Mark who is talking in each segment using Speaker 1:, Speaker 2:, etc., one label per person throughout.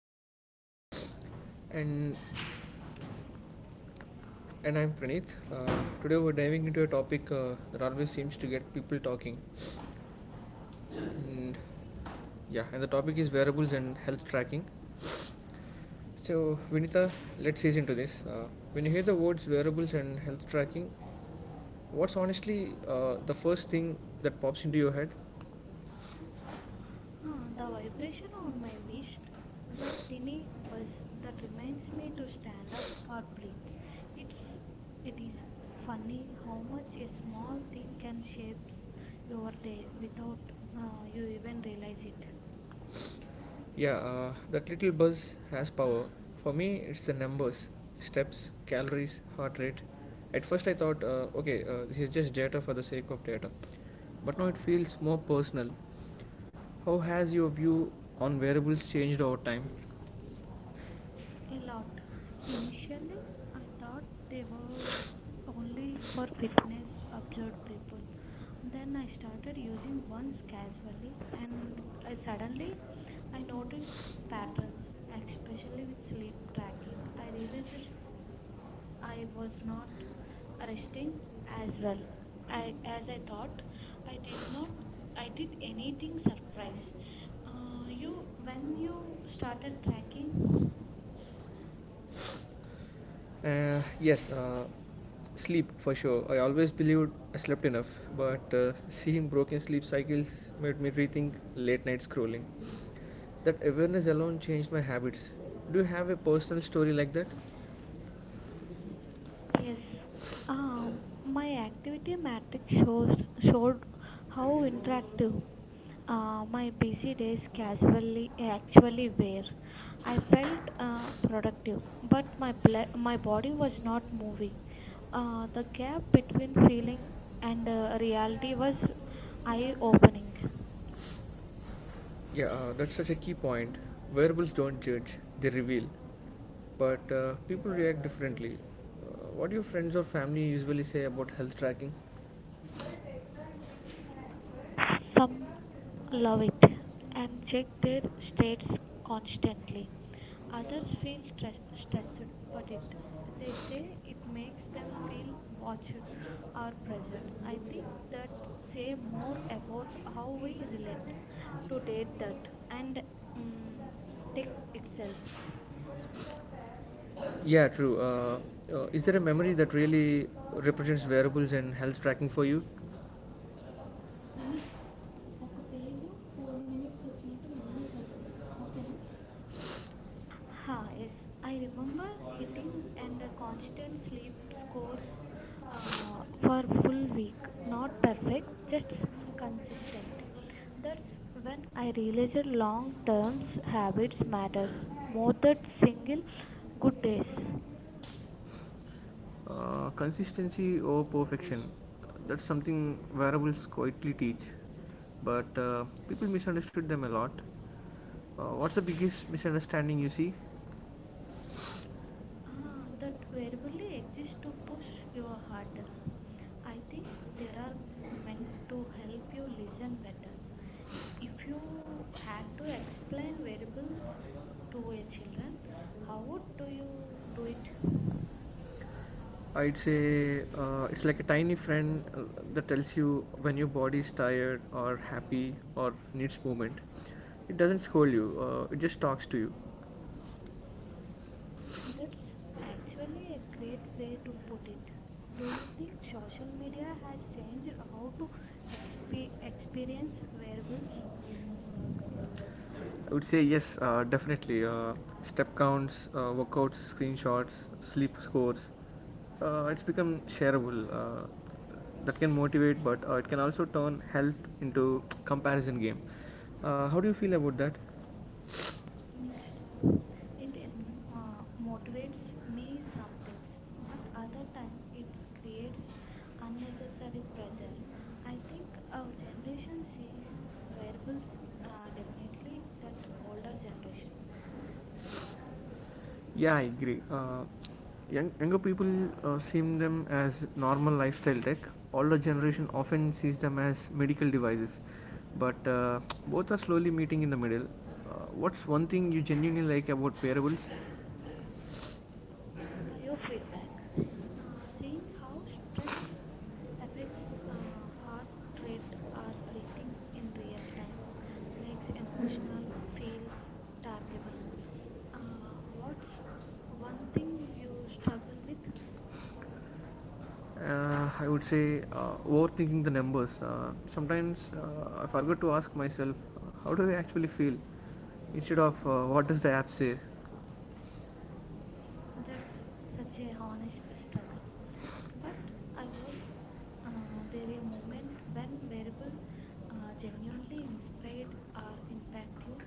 Speaker 1: am Vinita.
Speaker 2: and and I'm Praneeth. Today we're diving into a topic that always seems to get people talking, and yeah, and the topic is wearables and health tracking. So Vinitha, let's ease into this. When you hear the words wearables and health tracking, what's honestly the first thing that pops into your head?
Speaker 1: Ah, the vibration on my wrist, that tiny buzz that reminds me to stand up or breathe. It's it is funny how much a small thing can shape your day without you even realize it.
Speaker 2: Yeah, that little buzz has power. For me, it's the numbers, steps, calories, heart rate. At first, I thought, okay, this is just data for the sake of data. But now it feels more personal. How has your view on variables changed over time?
Speaker 1: A lot. Initially, I thought they were only for fitness observed people. Then I started using once casually, and I suddenly I noticed patterns, especially with sleep tracking. I realized I was not resting as well as I thought. I did not. I did anything
Speaker 2: Anything
Speaker 1: surprise.
Speaker 2: surprise.
Speaker 1: You
Speaker 2: When
Speaker 1: when you
Speaker 2: you start
Speaker 1: started
Speaker 2: hacking,
Speaker 1: tracking,
Speaker 2: yes, sleep for sure. I always believed I slept enough, but seeing broken sleep cycles made me rethink late night scrolling. That awareness alone changed my habits. Do you have a personal story like that?
Speaker 1: yes. My activity matrix shows showed how interactive my busy days casually actually were. I felt productive, but my body was not moving. The gap between feeling and reality was eye opening.
Speaker 2: Yeah, that's such a key point. Wearables don't judge, they reveal. But people react differently. What do your friends or family usually say about health tracking?
Speaker 1: Some love it and check their states constantly. Others feel stressed, but it they say it makes them feel watched or pressured. I think that say more about how we relate to date that
Speaker 2: um,
Speaker 1: and um, tech itself.
Speaker 2: Yeah, true. Is there a memory that really represents wearables and health tracking for you?
Speaker 1: Ha, yes. I remember hitting and a constant sleep scores for full week. Not perfect, just consistent. That's when I realized long term habits matters more than single good days.
Speaker 2: Consistency over perfection. That's something variables quietly teach, but people misunderstood them a lot. What's the biggest misunderstanding you see?
Speaker 1: Ah, that variably exists to push you harder. I think there are meant to help you listen better. If you had to explain variables to your children, how would do you do it?
Speaker 2: I'd say it's like a tiny friend that tells you when your body is tired or happy or needs movement. It doesn't scold you, it just talks to you.
Speaker 1: That's actually a great way to put it. Do you think social media has changed how to experience
Speaker 2: I
Speaker 1: wearables?
Speaker 2: I would say yes, definitely. Step counts, workouts, screenshots, sleep scores, it's become shareable that can motivate, but it can also turn health into comparison game. How do you feel about that?
Speaker 1: Mixed. it emo-
Speaker 2: uh,
Speaker 1: uh, Motivates me some things, but other time it creates unnecessary pressure. I think our generation sees wearables definitely that older generations.
Speaker 2: yeah, I agree. Younger people seem them as normal lifestyle tech. Older generation often sees them as medical devices, but both are slowly meeting in the middle. What's one thing you genuinely like about wearables?
Speaker 1: Biofeedback, seeing how stress affects heart rate or breathing in real time makes emotional feels targetable. What's one thing you struggle with?
Speaker 2: I would say overthinking the numbers. Sometimes I forget to ask myself, how do I actually feel? Instead of what does the app say?
Speaker 1: That's
Speaker 2: That's
Speaker 1: such
Speaker 2: such a
Speaker 1: a honest
Speaker 2: honest
Speaker 1: struggle.
Speaker 2: story.
Speaker 1: But I
Speaker 2: But
Speaker 1: was
Speaker 2: this the
Speaker 1: there a moment
Speaker 2: moment when
Speaker 1: when
Speaker 2: we
Speaker 1: variable
Speaker 2: were genuinely
Speaker 1: genuinely inspired
Speaker 2: inspired.
Speaker 1: or impact you,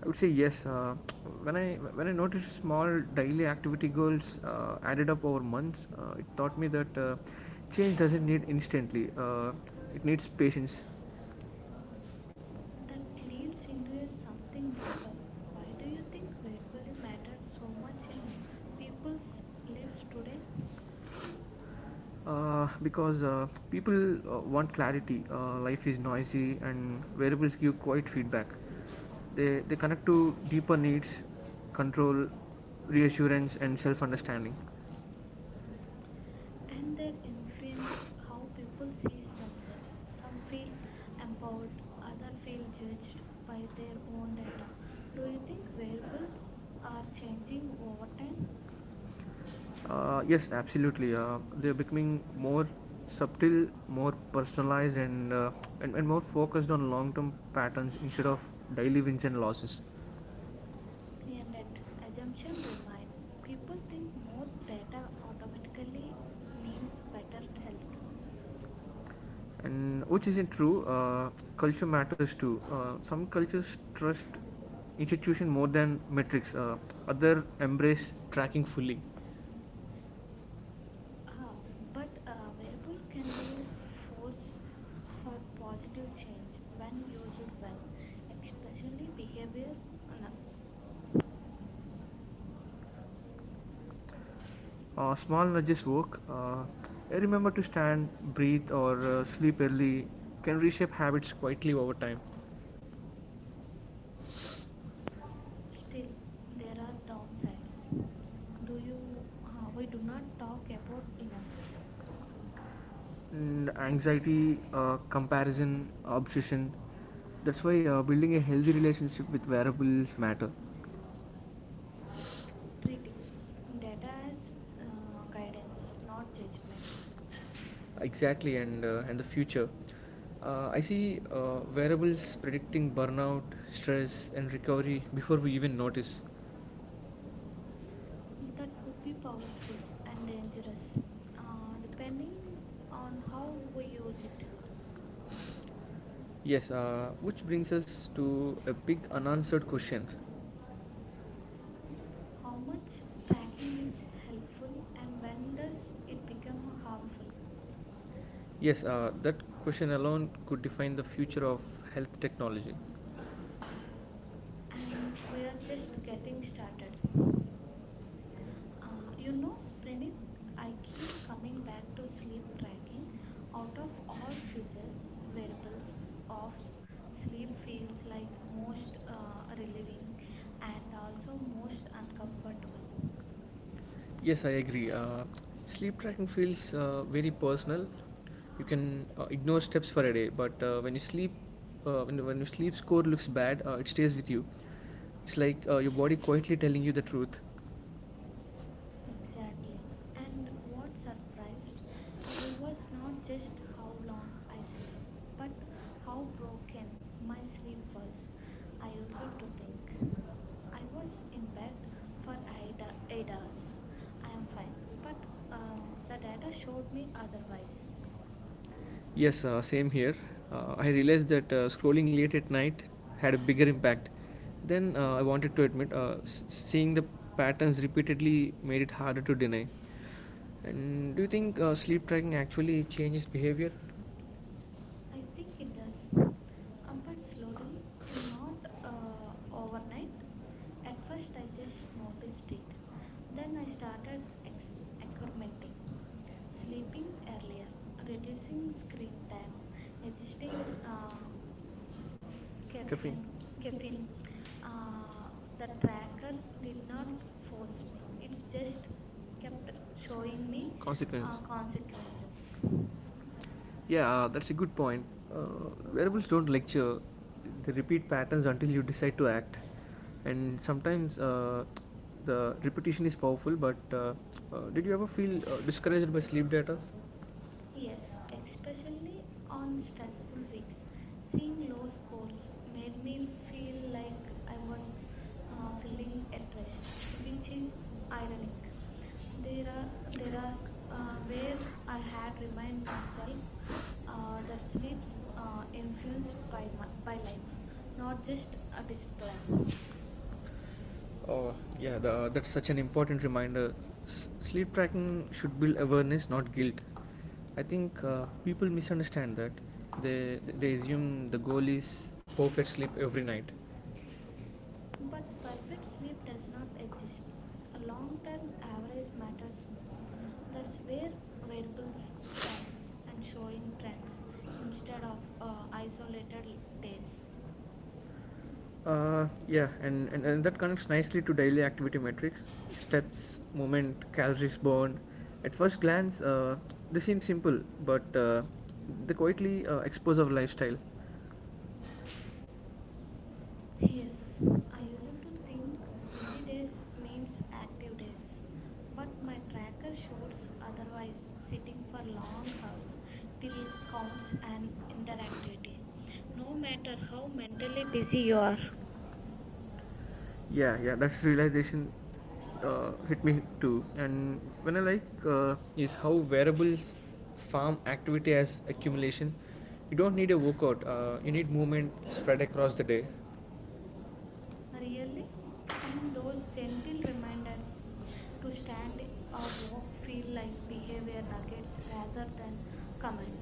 Speaker 2: I would say yes. When I when I noticed small daily activity goals added up over months, it taught me that change doesn't need instantly. It needs patience.
Speaker 1: that leads into a something deeper. Why do you think verbally matters so much in people's lives today,
Speaker 2: Because people want clarity. Life is noisy, and variables give quiet feedback. They connect to deeper needs, control, reassurance, and self understanding.
Speaker 1: and
Speaker 2: And
Speaker 1: their
Speaker 2: that
Speaker 1: influence
Speaker 2: influence how
Speaker 1: how people
Speaker 2: people see
Speaker 1: see
Speaker 2: us.
Speaker 1: themselves?
Speaker 2: Some
Speaker 1: Some feel
Speaker 2: feel
Speaker 1: empowered,
Speaker 2: empowered,
Speaker 1: others
Speaker 2: others
Speaker 1: feel
Speaker 2: feel judged
Speaker 1: judged
Speaker 2: by
Speaker 1: by
Speaker 2: their
Speaker 1: their
Speaker 2: own
Speaker 1: own
Speaker 2: world.
Speaker 1: data.
Speaker 2: Do
Speaker 1: Do
Speaker 2: you
Speaker 1: you think
Speaker 2: think
Speaker 1: variables
Speaker 2: relatives
Speaker 1: are
Speaker 2: are changing
Speaker 1: changing over
Speaker 2: over
Speaker 1: time?
Speaker 2: time? Yes, absolutely. They're becoming more subtle, more personalized, and, and more focused on long-term patterns instead of daily wins and losses. Yeah,
Speaker 1: And that
Speaker 2: right. Assumption
Speaker 1: assumption
Speaker 2: is
Speaker 1: remain. People
Speaker 2: bad.
Speaker 1: think more data automatically means better health.
Speaker 2: People think more better automatically means better tomorrow. And which isn't true. Culture matters too. Some cultures trust institution more than metrics, other embrace tracking fully.
Speaker 1: Uh, but a variable can be a force for positive change when used well, especially behavior. n-
Speaker 2: Small nudges work. Remember to stand, breathe, or sleep early can reshape habits quietly over time. Still,
Speaker 1: Still, there
Speaker 2: there
Speaker 1: are
Speaker 2: are downsides.
Speaker 1: downsides. Do
Speaker 2: Do you,
Speaker 1: you?
Speaker 2: we
Speaker 1: We do
Speaker 2: do
Speaker 1: not
Speaker 2: not
Speaker 1: talk
Speaker 2: talk
Speaker 1: about
Speaker 2: about
Speaker 1: enough,
Speaker 2: it. And anxiety, comparison, obsession. That's why building a healthy relationship with wearables matter. uh,
Speaker 1: treating data as guidance, not judgment.
Speaker 2: Exactly, and the future. I see wearables predicting burnout, stress, and recovery before we even notice.
Speaker 1: That could be powerful and dangerous,
Speaker 2: uh,
Speaker 1: depending on how we use it.
Speaker 2: Yes, which brings us to a big unanswered question. How
Speaker 1: How much
Speaker 2: much
Speaker 1: tracking
Speaker 2: tracking
Speaker 1: is
Speaker 2: is
Speaker 1: helpful
Speaker 2: helpful and
Speaker 1: and
Speaker 2: when
Speaker 1: when does
Speaker 2: does
Speaker 1: it
Speaker 2: it
Speaker 1: become
Speaker 2: become
Speaker 1: harmful?
Speaker 2: harmful? Yes, that question alone could define the future of health technology.
Speaker 1: And
Speaker 2: And
Speaker 1: we
Speaker 2: we
Speaker 1: are
Speaker 2: are
Speaker 1: just
Speaker 2: just
Speaker 1: getting
Speaker 2: getting
Speaker 1: started.
Speaker 2: started. Um,
Speaker 1: You
Speaker 2: you
Speaker 1: know,
Speaker 2: know,
Speaker 1: Pranit,
Speaker 2: Pranit,
Speaker 1: I
Speaker 2: I
Speaker 1: keep
Speaker 2: keep
Speaker 1: coming
Speaker 2: coming
Speaker 1: back
Speaker 2: back
Speaker 1: to
Speaker 2: to
Speaker 1: sleep
Speaker 2: sleep
Speaker 1: tracking.
Speaker 2: tracking.
Speaker 1: Out
Speaker 2: Out
Speaker 1: of
Speaker 2: of all
Speaker 1: all
Speaker 2: physics,
Speaker 1: futures, variables
Speaker 2: methods,
Speaker 1: of sleep
Speaker 2: sleep
Speaker 1: feels
Speaker 2: feels
Speaker 1: like
Speaker 2: like
Speaker 1: most
Speaker 2: most
Speaker 1: relieving
Speaker 2: rewarding
Speaker 1: and
Speaker 2: and also
Speaker 1: also most
Speaker 2: most
Speaker 1: uncomfortable.
Speaker 2: uncomfortable. Yes, I agree. Sleep tracking feels very personal. You can ignore steps for a day, but when you sleep, when your sleep score looks bad, it stays with you. It's like your body quietly telling you the truth.
Speaker 1: Exactly.
Speaker 2: Exactly.
Speaker 1: And what surprised we was not just how long I sleep, but how broken my sleep was. I used to think I was in bed for 8 hours. I am fine, but the data
Speaker 2: uh,
Speaker 1: showed me otherwise.
Speaker 2: Yes, same here. I realized that scrolling late at night had a bigger impact then I wanted to admit. Seeing the patterns repeatedly made it harder to deny. And do you think sleep tracking actually changes behavior?
Speaker 1: I think it does, but slowly, and not overnight. At first, I just noticed it.
Speaker 2: Then
Speaker 1: Then I
Speaker 2: I
Speaker 1: started
Speaker 2: started
Speaker 1: ex-
Speaker 2: experimenting,
Speaker 1: experimenting, sleeping
Speaker 2: sleeping early,
Speaker 1: earlier, reducing
Speaker 2: reducing screen
Speaker 1: screen
Speaker 2: time,
Speaker 1: time, adjusting
Speaker 2: resisting Caffeine.
Speaker 1: caffeine. Caffeine.
Speaker 2: Caffeine.
Speaker 1: Uh,
Speaker 2: Uh,
Speaker 1: the
Speaker 2: the tracker
Speaker 1: tracker did
Speaker 2: did
Speaker 1: not
Speaker 2: not
Speaker 1: force
Speaker 2: force
Speaker 1: me.
Speaker 2: me.
Speaker 1: It's
Speaker 2: It's
Speaker 1: just
Speaker 2: just kept
Speaker 1: kept showing
Speaker 2: showing
Speaker 1: me
Speaker 2: me
Speaker 1: consequences.
Speaker 2: consequences. Yeah, that's a good point. Wearables don't lecture, they repeat patterns until you decide to act. And sometimes the repetition is powerful, but did you ever feel discouraged by sleep data?
Speaker 1: Yes,
Speaker 2: Yes,
Speaker 1: especially on stressful weeks, seeing low scores made me feel like I
Speaker 2: like
Speaker 1: was feeling at rest, which is ironic. There are there are where
Speaker 2: uh,
Speaker 1: I
Speaker 2: I
Speaker 1: had
Speaker 2: had
Speaker 1: remind
Speaker 2: reminded
Speaker 1: myself
Speaker 2: myself
Speaker 1: that
Speaker 2: that
Speaker 1: sleeps
Speaker 2: sleeps
Speaker 1: influenced
Speaker 2: influenced
Speaker 1: by
Speaker 2: by
Speaker 1: by
Speaker 2: life,
Speaker 1: life, not
Speaker 2: not just
Speaker 1: just
Speaker 2: a
Speaker 1: a
Speaker 2: display.
Speaker 1: discipline.
Speaker 2: Oh, yeah, that's such an important reminder. Sleep tracking should build awareness, not guilt. I think people misunderstand that. They assume the goal is perfect sleep every night.
Speaker 1: But
Speaker 2: The
Speaker 1: perfect sleep does not exist. A long term average matters more. That's where variables shine and showing trends instead of
Speaker 2: uh,
Speaker 1: isolated days.
Speaker 2: Yeah, and that connects nicely to daily activity metrics, steps, moment, calories burned. At first glance, they seem simple, but they quietly expose our lifestyle.
Speaker 1: Yes, I used to think busy days means active days, but my tracker shows otherwise. Sitting for long hours till counts and interactivity, no matter how mentally busy you are.
Speaker 2: Yeah, yeah, that's realization hit me too. And when I like, is how wearables farm activity as accumulation. You don't need a workout. You need movement spread across the day,
Speaker 1: Really?
Speaker 2: real
Speaker 1: And
Speaker 2: in
Speaker 1: those
Speaker 2: those
Speaker 1: gentle
Speaker 2: gentle
Speaker 1: reminders
Speaker 2: reminders
Speaker 1: to
Speaker 2: to start.
Speaker 1: stand or walk feel like behavior nuggets rather than comments.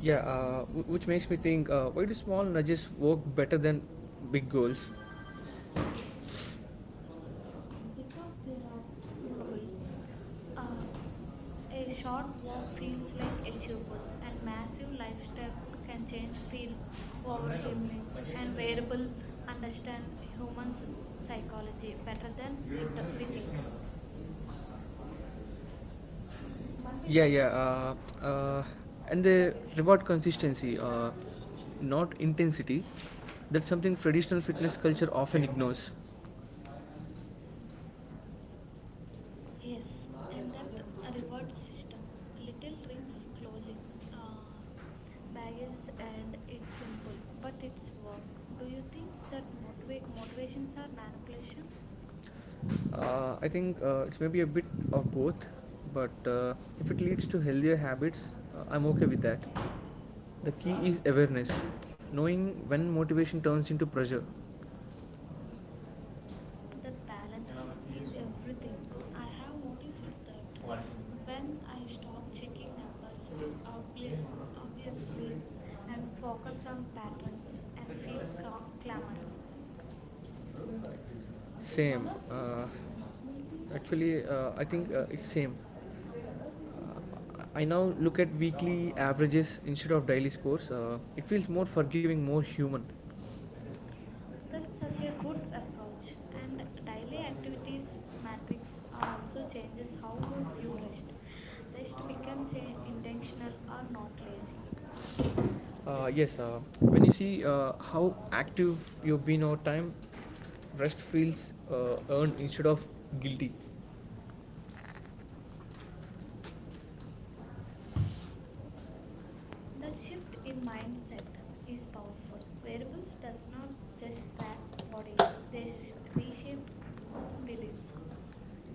Speaker 2: Yeah, which makes me think why do small nudges work better than big goals? Because there are
Speaker 1: Trouble.
Speaker 2: no. Uh,
Speaker 1: Uh,
Speaker 2: it
Speaker 1: A
Speaker 2: feels
Speaker 1: short walk feels
Speaker 2: like
Speaker 1: like achievable, and
Speaker 2: and
Speaker 1: massive
Speaker 2: massive
Speaker 1: lifestyle
Speaker 2: lifestyle
Speaker 1: can
Speaker 2: can
Speaker 1: change
Speaker 2: change
Speaker 1: feel
Speaker 2: freedom
Speaker 1: overwhelming. And
Speaker 2: and
Speaker 1: variable
Speaker 2: variable understand
Speaker 1: understand
Speaker 2: human's psychology
Speaker 1: psychology better
Speaker 2: better
Speaker 1: than we
Speaker 2: than.
Speaker 1: think.
Speaker 2: Yeah, yeah. And they reward consistency, not intensity. That's something traditional fitness culture often ignores.
Speaker 1: Yes, and that reward system, little rings closing. Uh, Baggage and it's simple, but it's work. Do you think that motivations are manipulation?
Speaker 2: I think it's maybe a bit of both, but if it leads to healthier habits, I'm okay with that. The key is awareness, knowing when motivation turns into pressure.
Speaker 1: That balance is everything. I have noticed that when I stop checking numbers obvious, obviously and focus on patterns and feel clamor.
Speaker 2: Same. Actually, I think it's same. Uh, I now look at weekly averages instead of daily scores. It feels more forgiving, more human.
Speaker 1: That's such a good approach. And daily activities matrix also changes how
Speaker 2: Council.
Speaker 1: we view rest. Rest becomes a intentional or not lazy.
Speaker 2: Yes, when you see how active you've been over time, rest feels earned instead of guilty. The
Speaker 1: That shift
Speaker 2: shift in
Speaker 1: in mindset
Speaker 2: mindset
Speaker 1: is
Speaker 2: is
Speaker 1: powerful.
Speaker 2: possible. Wellness
Speaker 1: Variables does
Speaker 2: does
Speaker 1: not
Speaker 2: not
Speaker 1: just
Speaker 2: just
Speaker 1: track
Speaker 2: act
Speaker 1: bodies;
Speaker 2: body,
Speaker 1: they
Speaker 2: they shift
Speaker 1: reshape beliefs.
Speaker 2: beliefs.